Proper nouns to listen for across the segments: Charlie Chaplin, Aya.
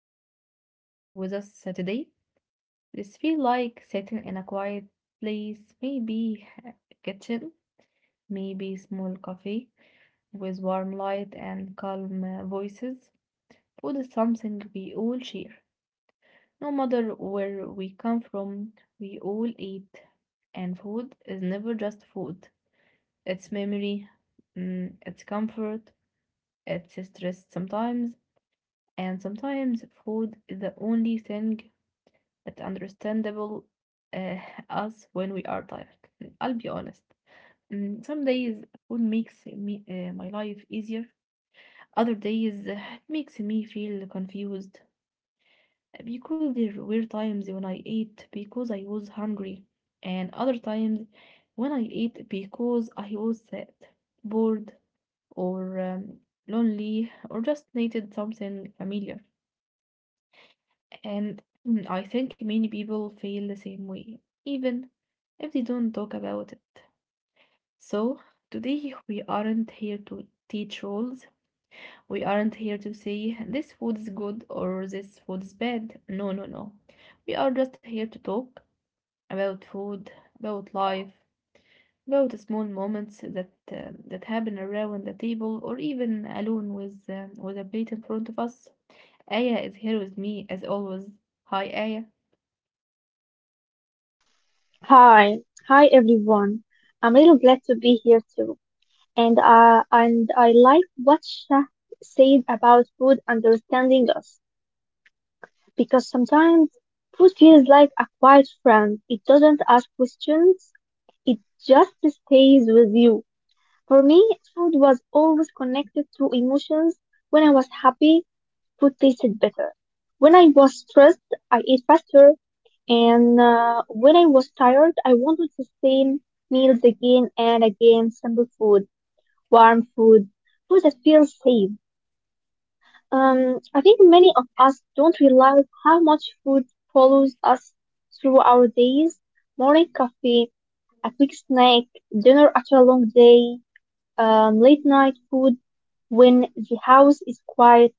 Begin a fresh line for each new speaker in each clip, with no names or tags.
are here with us today. This feels like sitting in a quiet place, maybe a kitchen, maybe small cafe with warm light and calm voices. Food is something we all share. No matter where we come from, we all eat. And food is never just food. It's memory, it's comfort, it's stress sometimes, and sometimes food is the only thing that understandable uh, us when we are tired. I'll be honest. Some days food makes me my life easier. Other days it makes me feel confused because there were times when I ate because I was hungry, and other times when I ate because I was sad, bored, or lonely, or just needed something familiar. And I think many people feel the same way, even if they don't talk about it. So, today we aren't here to teach rules. We aren't here to say this food is good or this food is bad. No, no, no. We are just here to talk about food, about life, about the small moments that happen around the table or even alone with with a plate in front of us. Aya is here with me as always. Hi, Aya.
Hi, hi everyone. I'm really glad to be here too. And I like what Shah said about food understanding us because sometimes food feels like a quiet friend. It doesn't ask questions. It just stays with you. For me, food was always connected to emotions. When I was happy, food tasted better. When I was stressed, I ate faster, and when I was tired, I wanted the same meals again and again. Simple food, warm food, food that feels safe. I think many of us don't realize how much food follows us through our days. Morning coffee, a quick snack, dinner after a long day, late night food. When the house is quiet,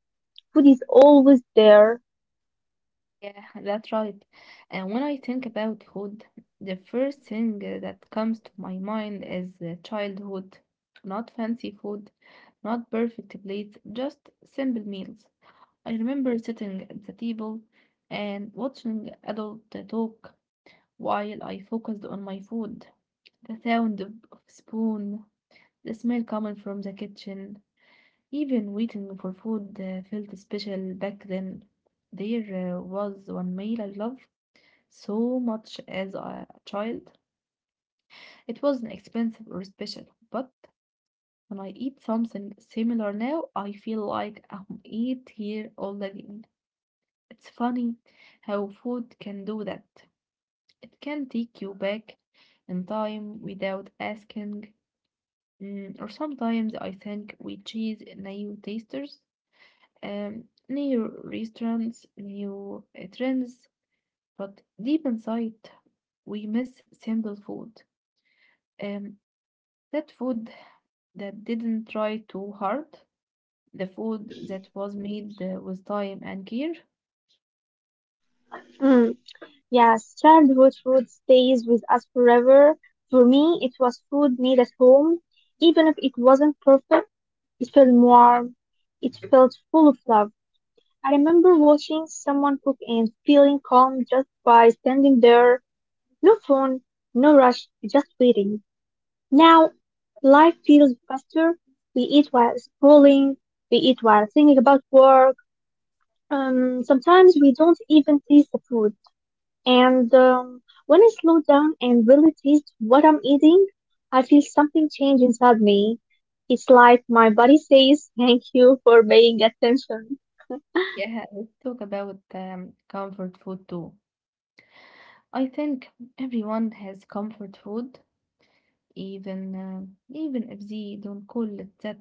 food is always there.
Yeah, that's right. And when I think about food, the first thing that comes to my mind is childhood. Not fancy food, not perfect plates, just simple meals. I remember sitting at the table and watching adult talk while I focused on my food. The sound of spoon, the smell coming from the kitchen, even waiting for food felt special back then. There was one meal I loved so much as a child. It wasn't expensive or special, but when I eat something similar now, I feel like I'm eight year old again. It's funny how food can do that. It can take you back in time without asking. Or sometimes I think we chase new tasters, new restaurants, new trends, but deep inside, we miss simple food. Um, That food that didn't try too hard, the food that was made with time and care.
Mm. Yes, childhood food stays with us forever. For me, it was food made at home. Even if it wasn't perfect, it felt warm. It felt full of love. I remember watching someone cook and feeling calm just by standing there. No phone, no rush, just waiting. Now, life feels faster. We eat while scrolling. We eat while thinking about work. Sometimes we don't even taste the food. And when I slow down and really taste what I'm eating, I feel something change inside me. It's like my body says, Thank you for paying attention.
Yeah, let's talk about comfort food too. I think everyone has comfort food, even uh, even if they don't call it that.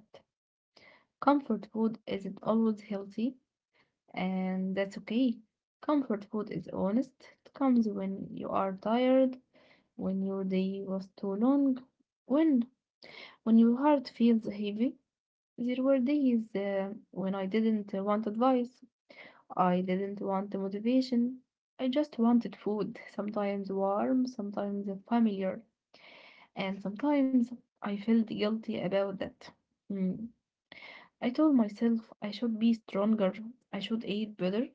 Comfort food isn't always healthy, and that's okay. Comfort food is honest. It comes when you are tired, when your day was too long, when when your heart feels heavy. There were days when I didn't want advice. I didn't want the motivation. I just wanted food, sometimes warm, sometimes familiar, and sometimes I felt guilty about that. Mm. I told myself I should be stronger, I should eat better,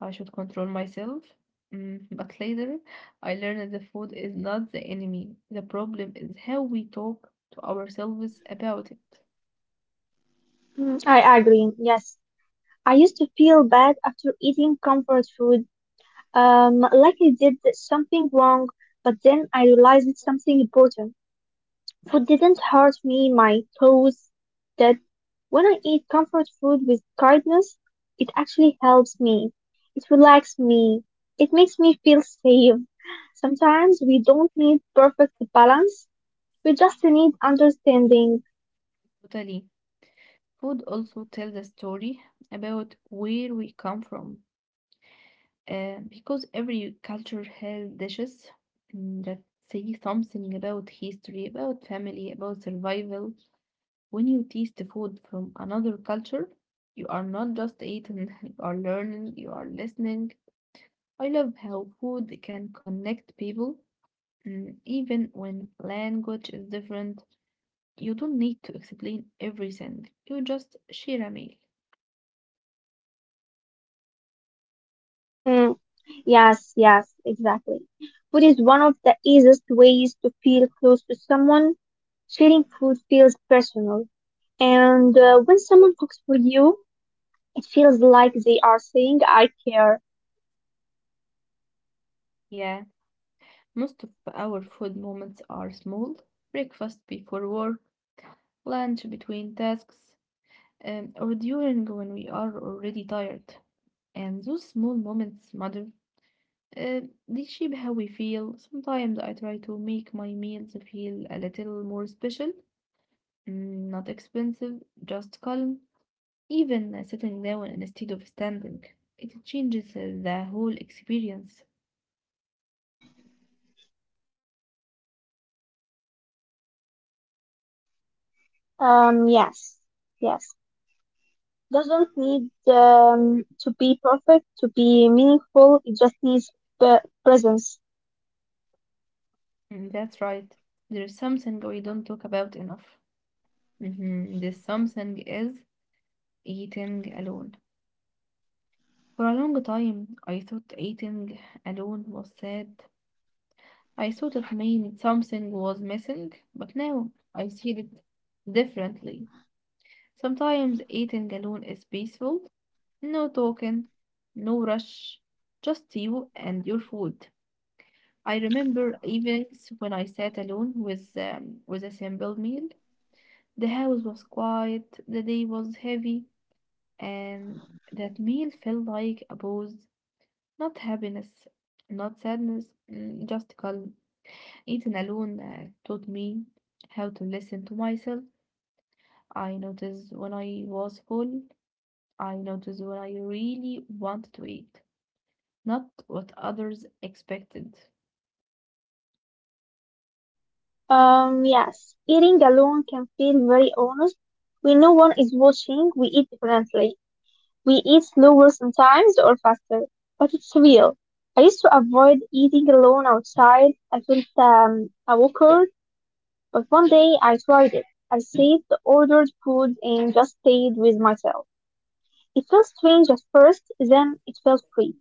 I should control myself. Mm, but later, I learned that food is not the enemy. The problem is how we talk to ourselves about it.
Mm, I agree, yes. I used to feel bad after eating comfort food, like I did something wrong, but then I realized it's something important. Food didn't hurt me, my toes That When I eat comfort food with kindness, it actually helps me. It relaxes me. It makes me feel safe. Sometimes we don't need perfect balance, we just need understanding.
Totally. Food also tells a story about where we come from, because every culture has dishes that say something about history, about family, about survival. When you taste the food from another culture, you are not just eating, you are learning, you are listening. I love how food can connect people, even when language is different. You don't need to explain everything, you just share a meal.
Mm, yes, yes, exactly. Food is one of the easiest ways to feel close to someone. Sharing food feels personal. And when someone cooks for you, it feels like they are saying, I care.
Yeah, most of our food moments are small: breakfast before work, lunch between tasks, or during when we are already tired. And those small moments matter. Uh, they shape how we feel. Sometimes I try to make my meals feel a little more special, not expensive, just calm. Even sitting down instead of standing, it changes the whole experience.
Yes, yes. Doesn't need to be perfect to be meaningful. It just needs p- presence.
Mm, that's right. There's something we don't talk about enough. Mhm. The something is eating alone. For a long time, I thought eating alone was sad. I thought it meant something was missing, but now I see it differently. Sometimes eating alone is peaceful, no talking, no rush, just you and your food. I remember evenings when I sat alone with with a simple meal. The house was quiet, the day was heavy, and that meal felt like a pause, not happiness, not sadness, just calm. Eating alone taught me how to listen to myself. I noticed when I was full. I noticed when I really wanted to eat, not what others expected.
Yes. Eating alone can feel very honest. When no one is watching, we eat differently. We eat slower sometimes or faster, but it's real. I used to avoid eating alone outside. I felt awkward. But one day I tried it. I saved the ordered food and just stayed with myself. It felt strange at first, then it felt free.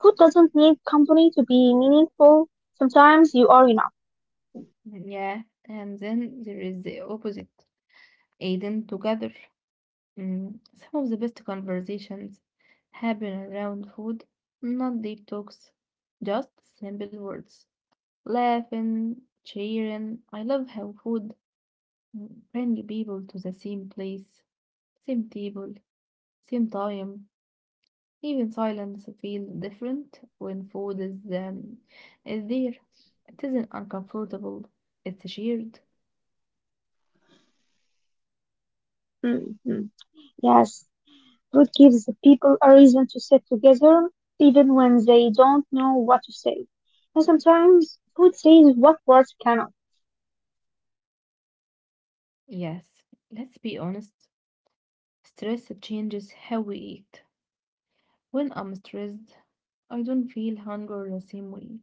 Food doesn't need company to be meaningful. Sometimes you are enough.
Mm, yeah, and then there is the opposite, eating together. Mm, some of the best conversations happen around food, not deep talks, just simple words. Laughing, cheering. I love how food brings people to the same place, same table, same time. Even silence feels different when food is there. It isn't uncomfortable, it's shared.
Hmm. Yes, food gives the people a reason to sit together, even when they don't know what to say. And sometimes food says what words cannot.
Yes, let's be honest. Stress changes how we eat. When I'm stressed, I don't feel hunger the same way.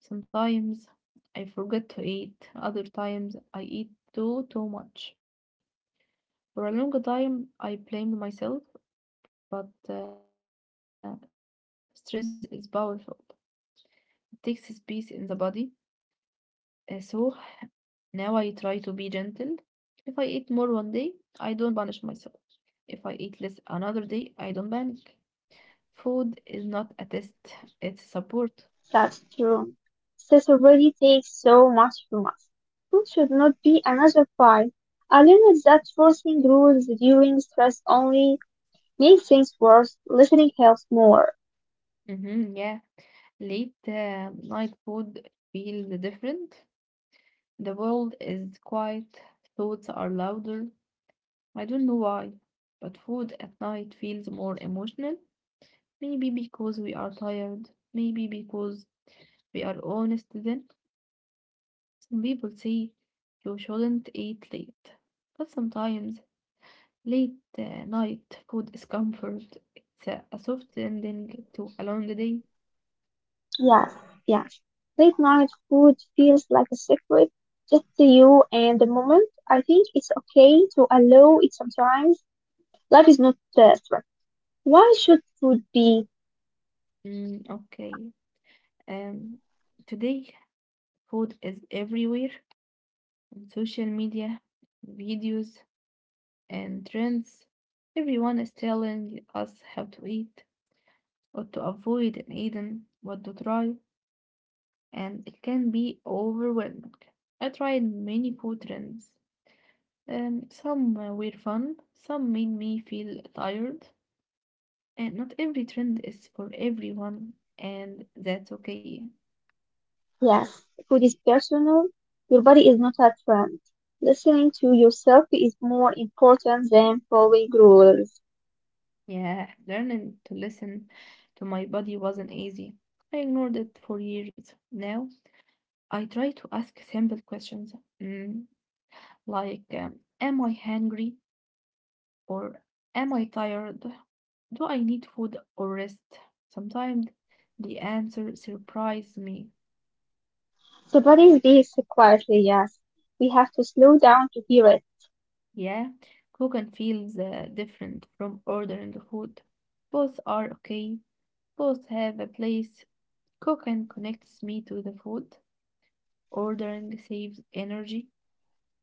Sometimes I forget to eat, other times I eat too much. For a long time, I blamed myself, but stress is powerful. It takes space in the body. So now I try to be gentle. If I eat more one day, I don't punish myself. If I eat less another day, I don't panic. Food is not a test, it's support.
That's true. This already takes so much from us. Food should not be another pie. I learned that forcing rules during stress only makes things worse. Listening helps more.
Mm-hmm, yeah. Late night food feels different. The world is quiet, thoughts are louder. I don't know why, but food at night feels more emotional. Maybe because we are tired, maybe because we are honest then. Some people say you shouldn't eat late, but sometimes late night food is comfort. It's a soft ending to a long day.
Yes, yes. Late night food feels like a secret, just to you and the moment. I think it's okay to allow it sometimes. Life is not stress. Why should food be?
Mm, okay. Um, today food is everywhere: on social media, videos, and trends. Everyone is telling us how to eat, what to avoid in eating, what to try, and it can be overwhelming. I tried many food trends. Some were fun, some made me feel tired, and not every trend is for everyone, and that's okay.
Yes, food is personal. Your body is not a trend. Listening to yourself is more important than following rules.
Yeah, learning to listen to my body wasn't easy. I ignored it for years. Now I try to ask simple questions mm, like, am I hungry? Or am I tired? Do I need food or rest? Sometimes the answer surprises me.
The body speaks quietly, yes. We have to slow down to hear it.
Yeah, cooking feels different from ordering the food. Both are okay, both have a place. Cooking connects me to the food. Ordering saves energy.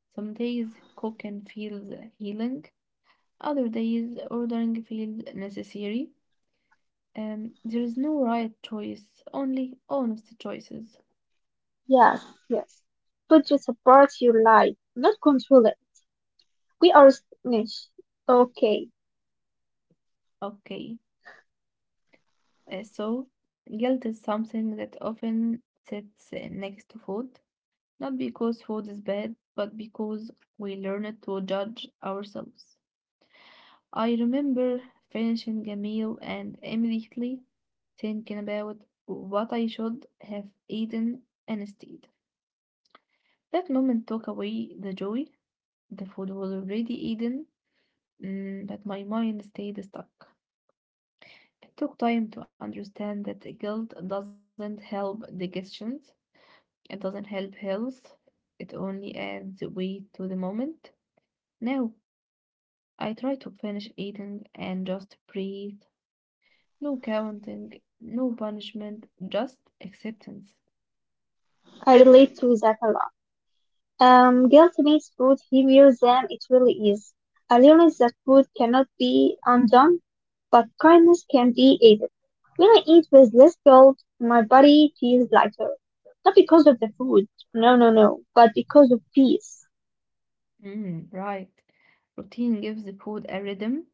Some days cooking feels healing, other days ordering feels necessary. There is no right choice, only honest choices.
Yes, yes. Food just supports your life, not control it. We are snitch. Okay,
Okay, so guilt is something that often sits next to food, not because food is bad, but because we learn to judge ourselves. I remember finishing a meal and immediately thinking about what I should have eaten instead. That moment took away the joy. The food was already eaten, but my mind stayed stuck. It took time to understand that guilt doesn't help digestions, it doesn't help health, it only adds weight to the moment. Now, I try to finish eating and just breathe. No counting, no punishment, just acceptance.
I relate to that a lot. Guilt makes food heavier than it really is. I learned that food cannot be undone, but kindness can be aided. When I eat with less guilt, my body feels lighter. Not because of the food, no, no, no, but because of peace.
Mm, right. Routine gives the food a rhythm.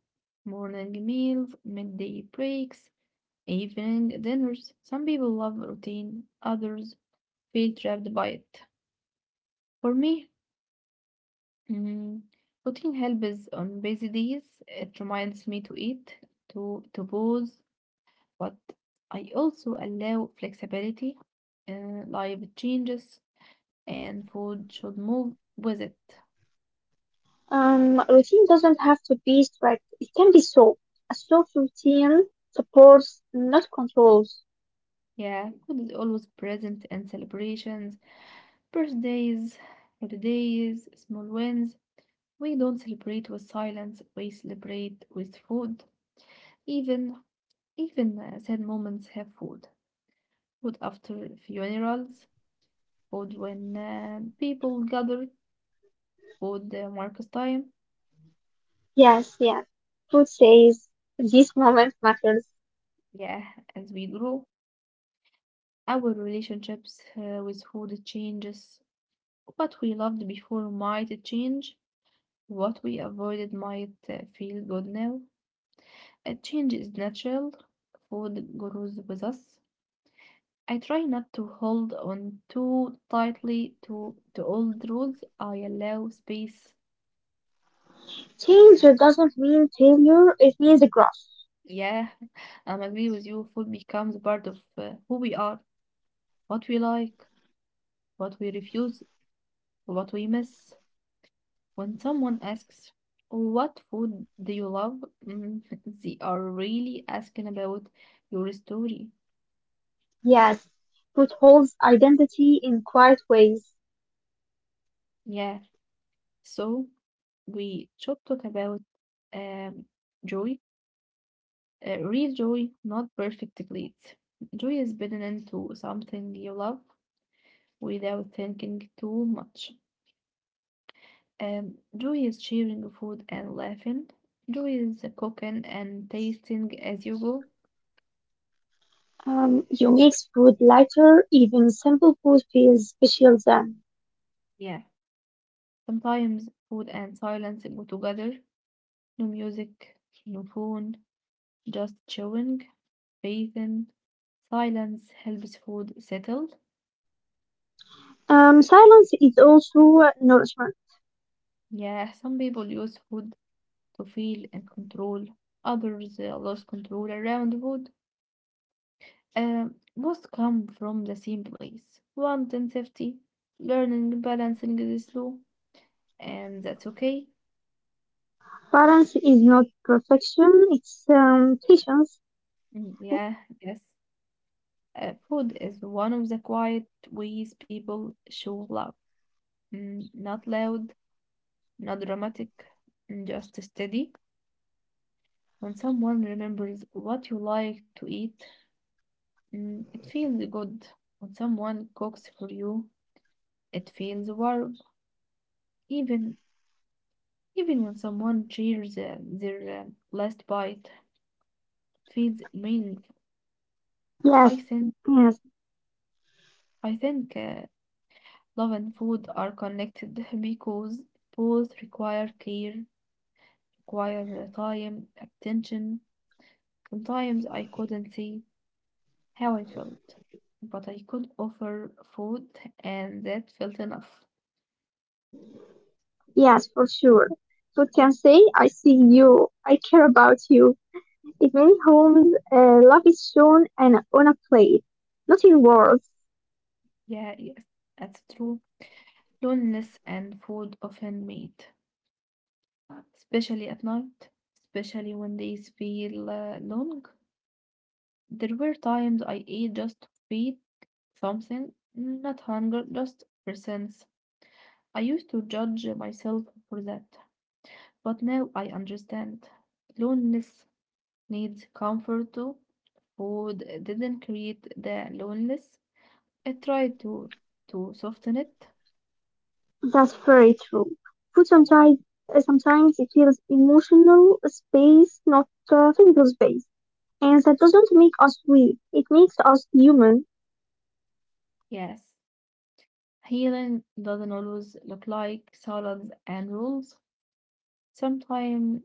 Morning meals, midday breaks, evening dinners. Some people love routine, others feel trapped by it. For me, mm, routine helps on busy days. It reminds me to eat, to pause, but I also allow flexibility. Life changes, and food should move with it.
Routine doesn't have to be strict, it can be soft. A soft routine supports, not controls.
Yeah, food is always present in celebrations, birthdays, holidays, small wins. We don't celebrate with silence, we celebrate with food. Even even sad moments have food. Food after funerals, food when people gather, food marks time.
Yes, yes. Food says, this moment matters.
Yeah, as we grow, our relationships with food changes. What we loved before might change. What we avoided might feel good now. A change is natural. Food grows with us. I try not to hold on too tightly to old rules. I allow space.
Change doesn't mean failure, it means growth.
Yeah, I'm agree with you. Food becomes part of who we are, what we like, what we refuse, what we miss. When someone asks, "What food do you love?" Mm, they are really asking about your story.
Yes, food holds identity in quiet ways.
Yeah, so. We should talk about um, joy, real joy, not perfect bliss. Joy is building into something you love without thinking too much. Joy is sharing food and laughing. Joy is cooking and tasting as you go.
You make food lighter, even simple food feels special then.
Yeah, sometimes food and silence go together. No music, no phone, just chewing, bathing. Silence helps food settle.
Silence is also nourishment.
Yeah, some people use food to feel and control. Others lost control around food. Uh, both come from the same place. Want and safety, learning balancing is slow, and that's okay.
Balance is not perfection, it's patience.
Mm, yeah, yes. Food is one of the quiet ways people show love. Not loud, not dramatic, just steady. When someone remembers what you like to eat, it feels good. When someone cooks for you, it feels warm. Even even when someone cheers their last bite, feels meaningful. I
Yes,
think
yes,
I think love and food are connected because both require care, require time, attention. Sometimes I couldn't see how I felt, but I could offer food, and that felt enough.
yes, for sure. Food can say, I see you, I care about you. In many homes, love is shown and on a plate, not in words.
Yeah, yes, that's true. Loneliness and food often meet, especially at night, especially when days feel long. There were times I ate just to feed something, not hunger, just for sense. I used to judge myself for that, but now I understand. Loneliness needs comfort too. Food didn't create the loneliness. It tried to soften it.
That's very true. Food sometimes sometimes it feels emotional space, not physical space, and that doesn't make us weak. It makes us human.
Yes, healing doesn't always look like salads and rules. Sometimes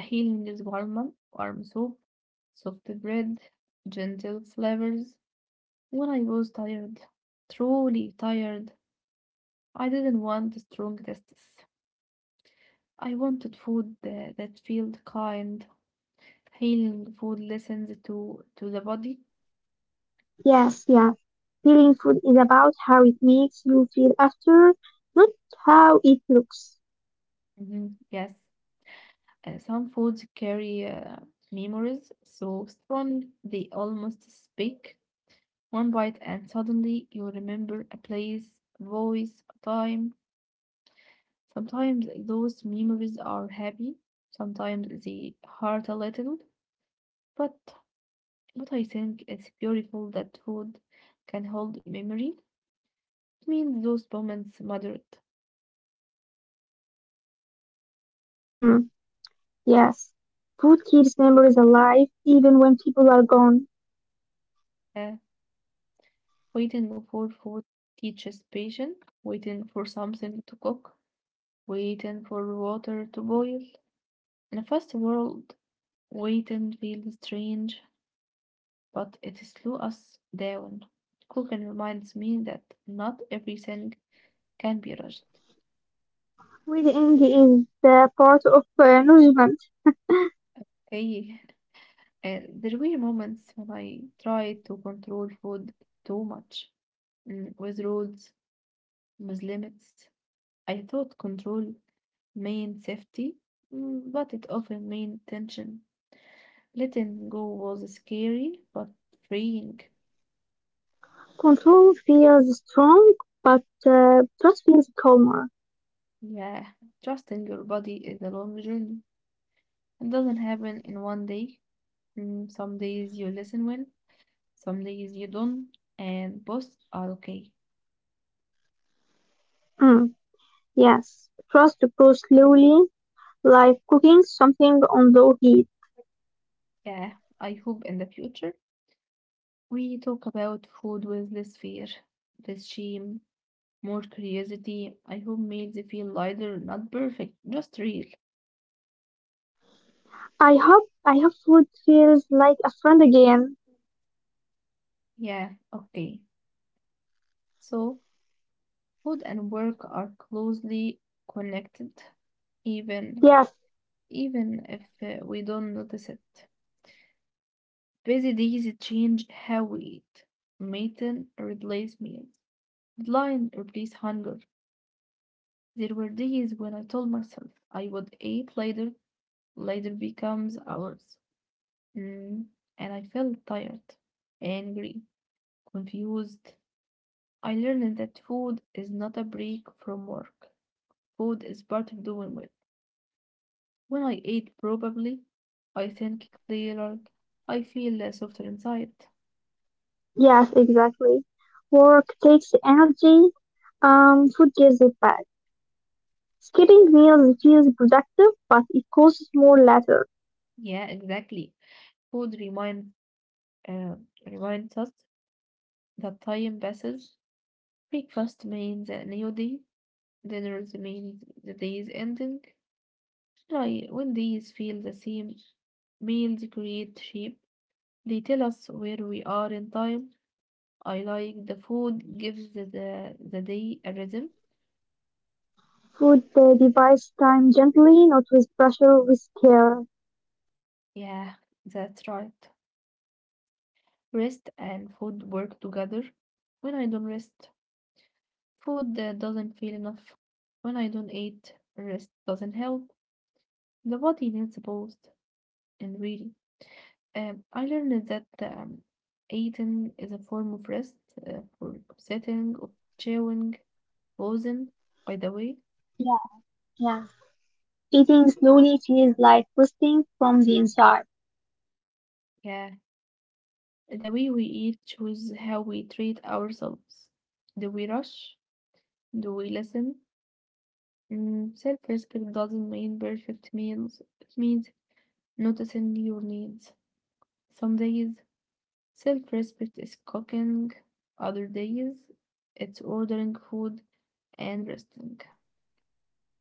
healing is warm, warm soup, soft bread, gentle flavors. When I was tired, truly tired, I didn't want strong tastes. I wanted food that felt kind. Healing food listens to the body.
Yes, yeah. Feeling food is about how it makes you feel after, not how it looks.
Mhm. Yes, some foods carry memories so strongly they almost speak. One bite and suddenly you remember a place, voice, time. Sometimes those memories are happy, sometimes they hurt a little, but I think it's beautiful that food can hold memory. It means those moments mattered.
Mm, yes. Food keeps memories alive even when people are gone.
Uh, Waiting for food teaches patience, waiting for something to cook, waiting for water to boil. In a fast world, waiting feels strange, but it slows us down. Cooking reminds me that not everything can be rushed.
Reading is the part of nourishment.
Hey. There were moments when I tried to control food too much, with rules, with limits. I thought control meant safety, but it often meant tension. Letting go was scary, but freeing.
Control feels strong, but trust feels calmer.
Yeah, trusting your body is a long journey. It doesn't happen in one day. Some days you listen well, some days you don't, and both are okay.
Mm. Yes, trust to go slowly, like cooking something on low heat.
Yeah, I hope in the future we talk about food with less fear, less shame, more curiosity. I hope meals feel lighter, not perfect, just real.
I hope food feels like a friend again.
Yeah, okay. So, food and work are closely connected, even
Yes,
even if we don't notice it. Busy days change how we eat. Meeting replace meals. Deadline replace hunger. There were days when I told myself I would eat later, later becomes hours. Mm, and I felt tired, angry, confused. I learned that food is not a break from work. Food is part of doing well. When I eat probably, I think clearer. I feel less softer inside.
yes, exactly. Work takes the energy, food gives it back. Skipping meals feels productive, but it costs more later.
Yeah, exactly. Food reminds uh, reminds us that time passes. Breakfast means a new day. Dinners means the day is ending. I, when days feel the same, meals create shape. They tell us where we are in time. I like the food gives the day a rhythm.
Food divides time gently, not with pressure, with care.
Yeah, that's right. Rest and food work together. When I don't rest, food doesn't feel enough. When I don't eat, rest doesn't help. The body needs both. And really, I learned that eating is a form of rest, for sitting or chewing, pausing. By the way,
Yeah, yeah. Eating slowly feels like resting from the inside.
yeah. The way we eat shows how we treat ourselves. Do we rush? Do we listen? Self-respect doesn't mean perfect meals. It means noticing your needs. Some days, self-respect is cooking. Other days, it's ordering food and resting.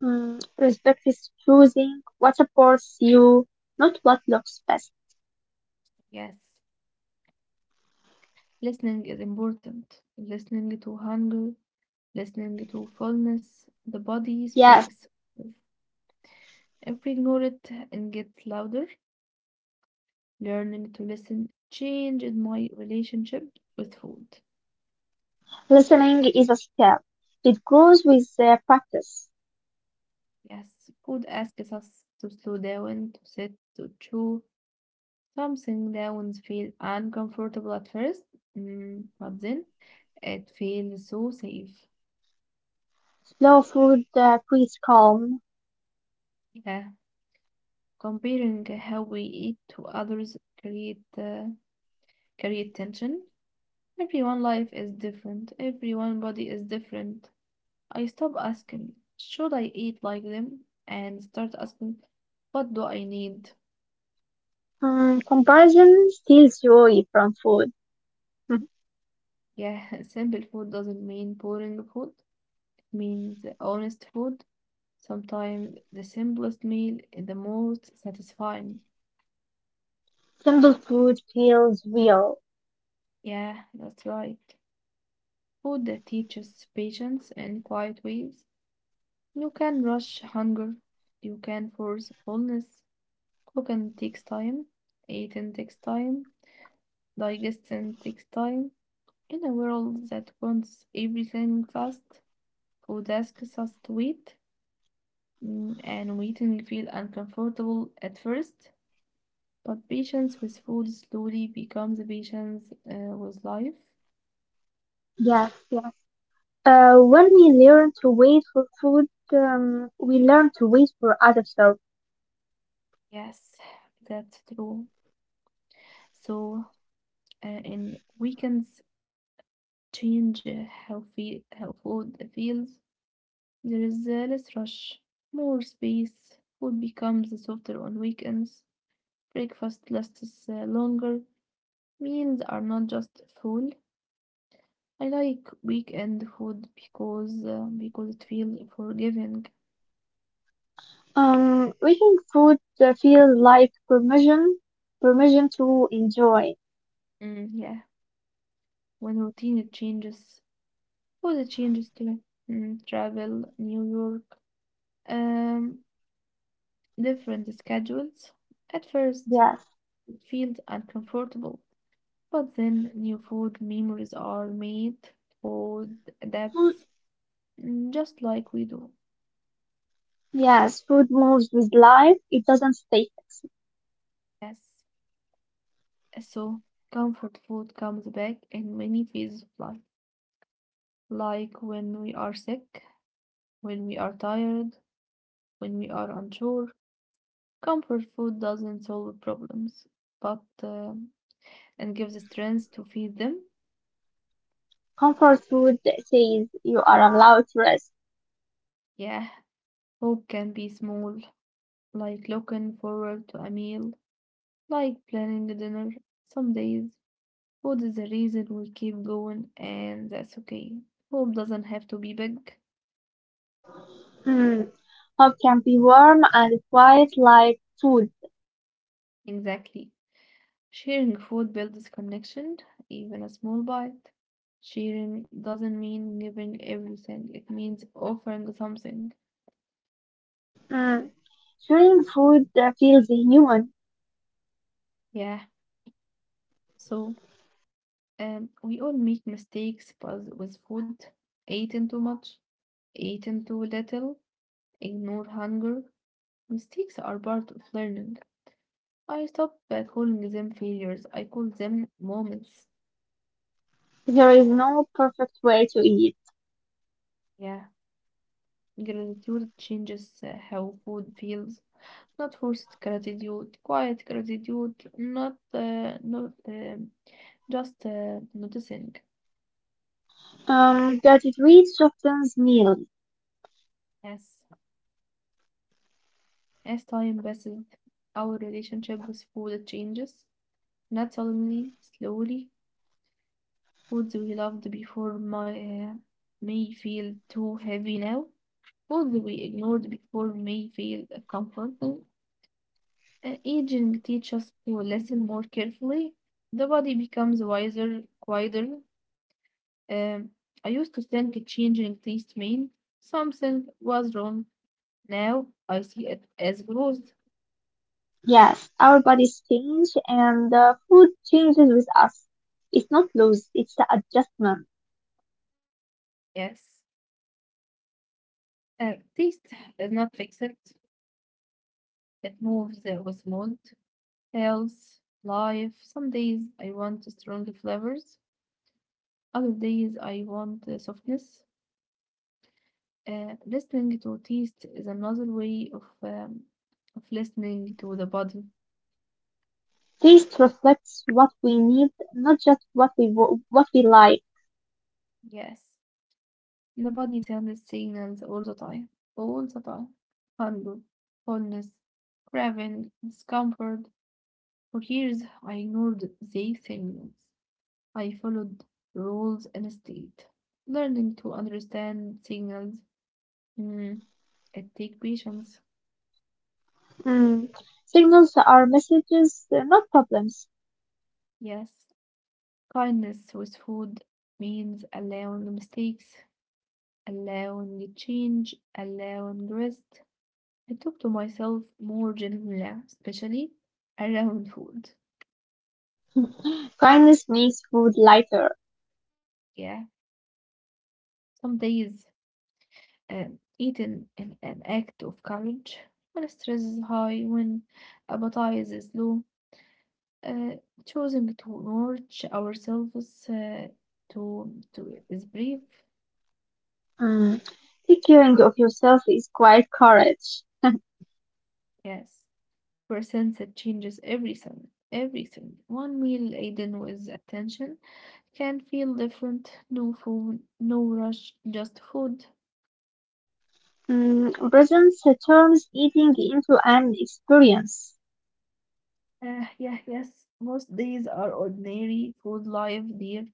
Mm, respect is choosing what supports you, not what looks best.
Yes, listening is important. Listening to hunger, listening to fullness. The body
Yes,
speaks. If we ignore it and get louder, learning to listen changed my relationship with food.
listening is a skill. It grows with practice.
Yes, food asks us to slow down, to sit, to chew. Something down feel uncomfortable at first, but then it feels so safe.
Slow food creates calm.
Yeah, comparing how we eat to others create create tension. Everyone life is different. Everyone body is different. I stop asking, should I eat like them? And start asking, what do I need?
Mm, comparison steals joy from food. Mhm.
Yeah, simple food doesn't mean boring food. It means honest food. Sometimes the simplest meal is the most satisfying.
Simple food feels real.
Yeah, that's right. Food that teaches patience in quiet ways. You can rush hunger. You can force fullness. Cooking takes time. Eating takes time. Digesting takes time. In a world that wants everything fast, food asks us to wait, and waiting feels uncomfortable at first, but patience with food slowly becomes patience with life.
Yes, yes. When we learn to wait for food, we learn to wait for other stuff.
Yes, that's true. So, and weekends change how food feels. There is less rush, more space. Food becomes softer on weekends. Breakfast lasts longer. Meals are not just full. I like weekend food because it feels forgiving.
Making food feel like permission, permission to enjoy.
Yeah, when routine it changes, food it changes too. Travel, New York, um, different schedules. At first,
Yes,
it feels uncomfortable, but then new food memories are made. Food
food.
adapts, just like we do.
Yes, food moves with life. It doesn't stay fixed.
Yes, so comfort food comes back in many phases of life, like when we are sick, when we are tired, when we are unsure. Comfort food doesn't solve problems, but and gives strength to feed them.
Comfort food says you are allowed to rest.
Yeah, hope can be small, like looking forward to a meal, like planning a dinner. Some days, food is the reason we keep going, and that's okay. Hope doesn't have to be big.
Mm. Hope can be warm and quiet like food.
Exactly. Sharing food builds connection, even a small bite. Sharing doesn't mean giving everything, it means offering something.
Mm. Sharing food feels human.
Yeah, so we all make mistakes but with food. Eating too much, eating too little, ignore hunger. Mistakes are part of learning. I stop calling them failures, I call them moments.
There is no perfect way to eat.
Yeah, gratitude changes how food feels. Not forced gratitude, quiet gratitude, not just noticing.
Gratitude softens meals.
As as time passes, our relationship with food changes. Not suddenly, slowly. Foods we loved before my may feel too heavy now. Foods we ignored before may feel comforting. Aging teaches us to listen more carefully. The body becomes wiser, quieter. Um, I used to think changing taste meant something was wrong. Now I see it as growth.
Yes, our bodies change and food changes with us. It's not loss, it's the adjustment.
Yes, taste is not fixed. It moves with mood, health, life. Some days I want strong flavors. Other days I want softness. Listening to taste is another way of listening to the body.
Taste reflects what we need, not just what we what we like.
Yes. The body sends signals all the time, all the time. Hunger, fullness, craving, discomfort. For years, I ignored these signals. I followed rules instead. Learning to understand signals, mm, it takes patience.
Mm. Signals are messages, they're not problems.
Yes, kindness with food means allowing mistakes, allowing change, allowing rest. I talk to myself more gently, especially around food.
Kindness makes food lighter.
Yeah, some days eating an act of courage when stress is high, when appetite is low, uh, choosing to nourish ourselves to is brief.
Mm. Take caring of yourself is quite courage.
Yes, percent that changes everything. Everything. One meal eaten with attention can feel different. No food, no rush, just food.
Mm, presence turns eating into an experience.
Yeah, yes. Most days are ordinary food life, dear,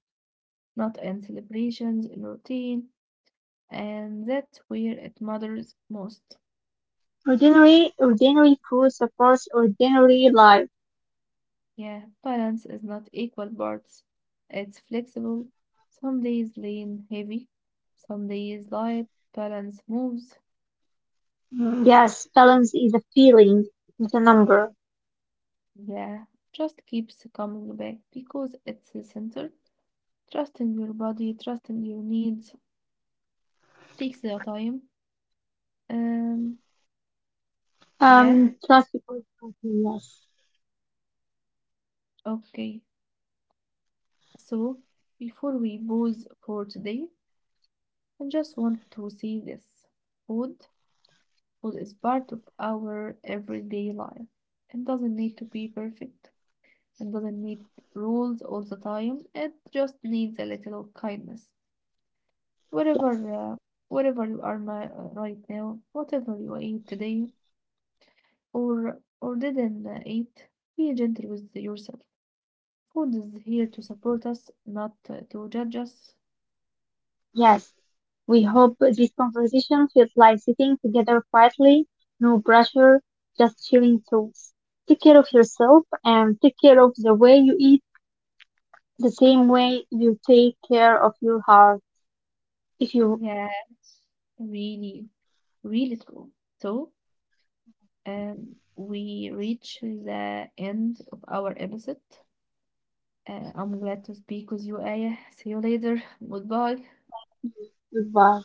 not in celebrations, in routine, and that's where it matters most.
Ordinary, ordinary food supports ordinary life.
Yeah, balance is not equal parts. It's flexible. Some days lean heavy, some days light. Balance moves.
Mm, Yes, balance is a feeling, not a number.
Yeah, just keeps coming back because it's the center. Trusting your body, trusting your needs takes the time. Um, yeah,
Trust because yes.
okay. So before we pause for today, I just want to see this. Food, food is part of our everyday life. It doesn't need to be perfect. It doesn't need rules all the time. It just needs a little kindness.
Yes.
Whatever, uh, whatever you are my, right now, whatever you ate today or didn't eat, be gentle with yourself. Food is here to support us, not to judge us.
Yes, we hope this conversation feels like sitting together quietly, no pressure, just sharing thoughts. Take care of yourself and take care of the way you eat, the same way you take care of your heart. If you
Yes, really, really true. So we reach the end of our episode. I'm glad to speak with you, Aya. See you later. Goodbye.
thank you, goodbye.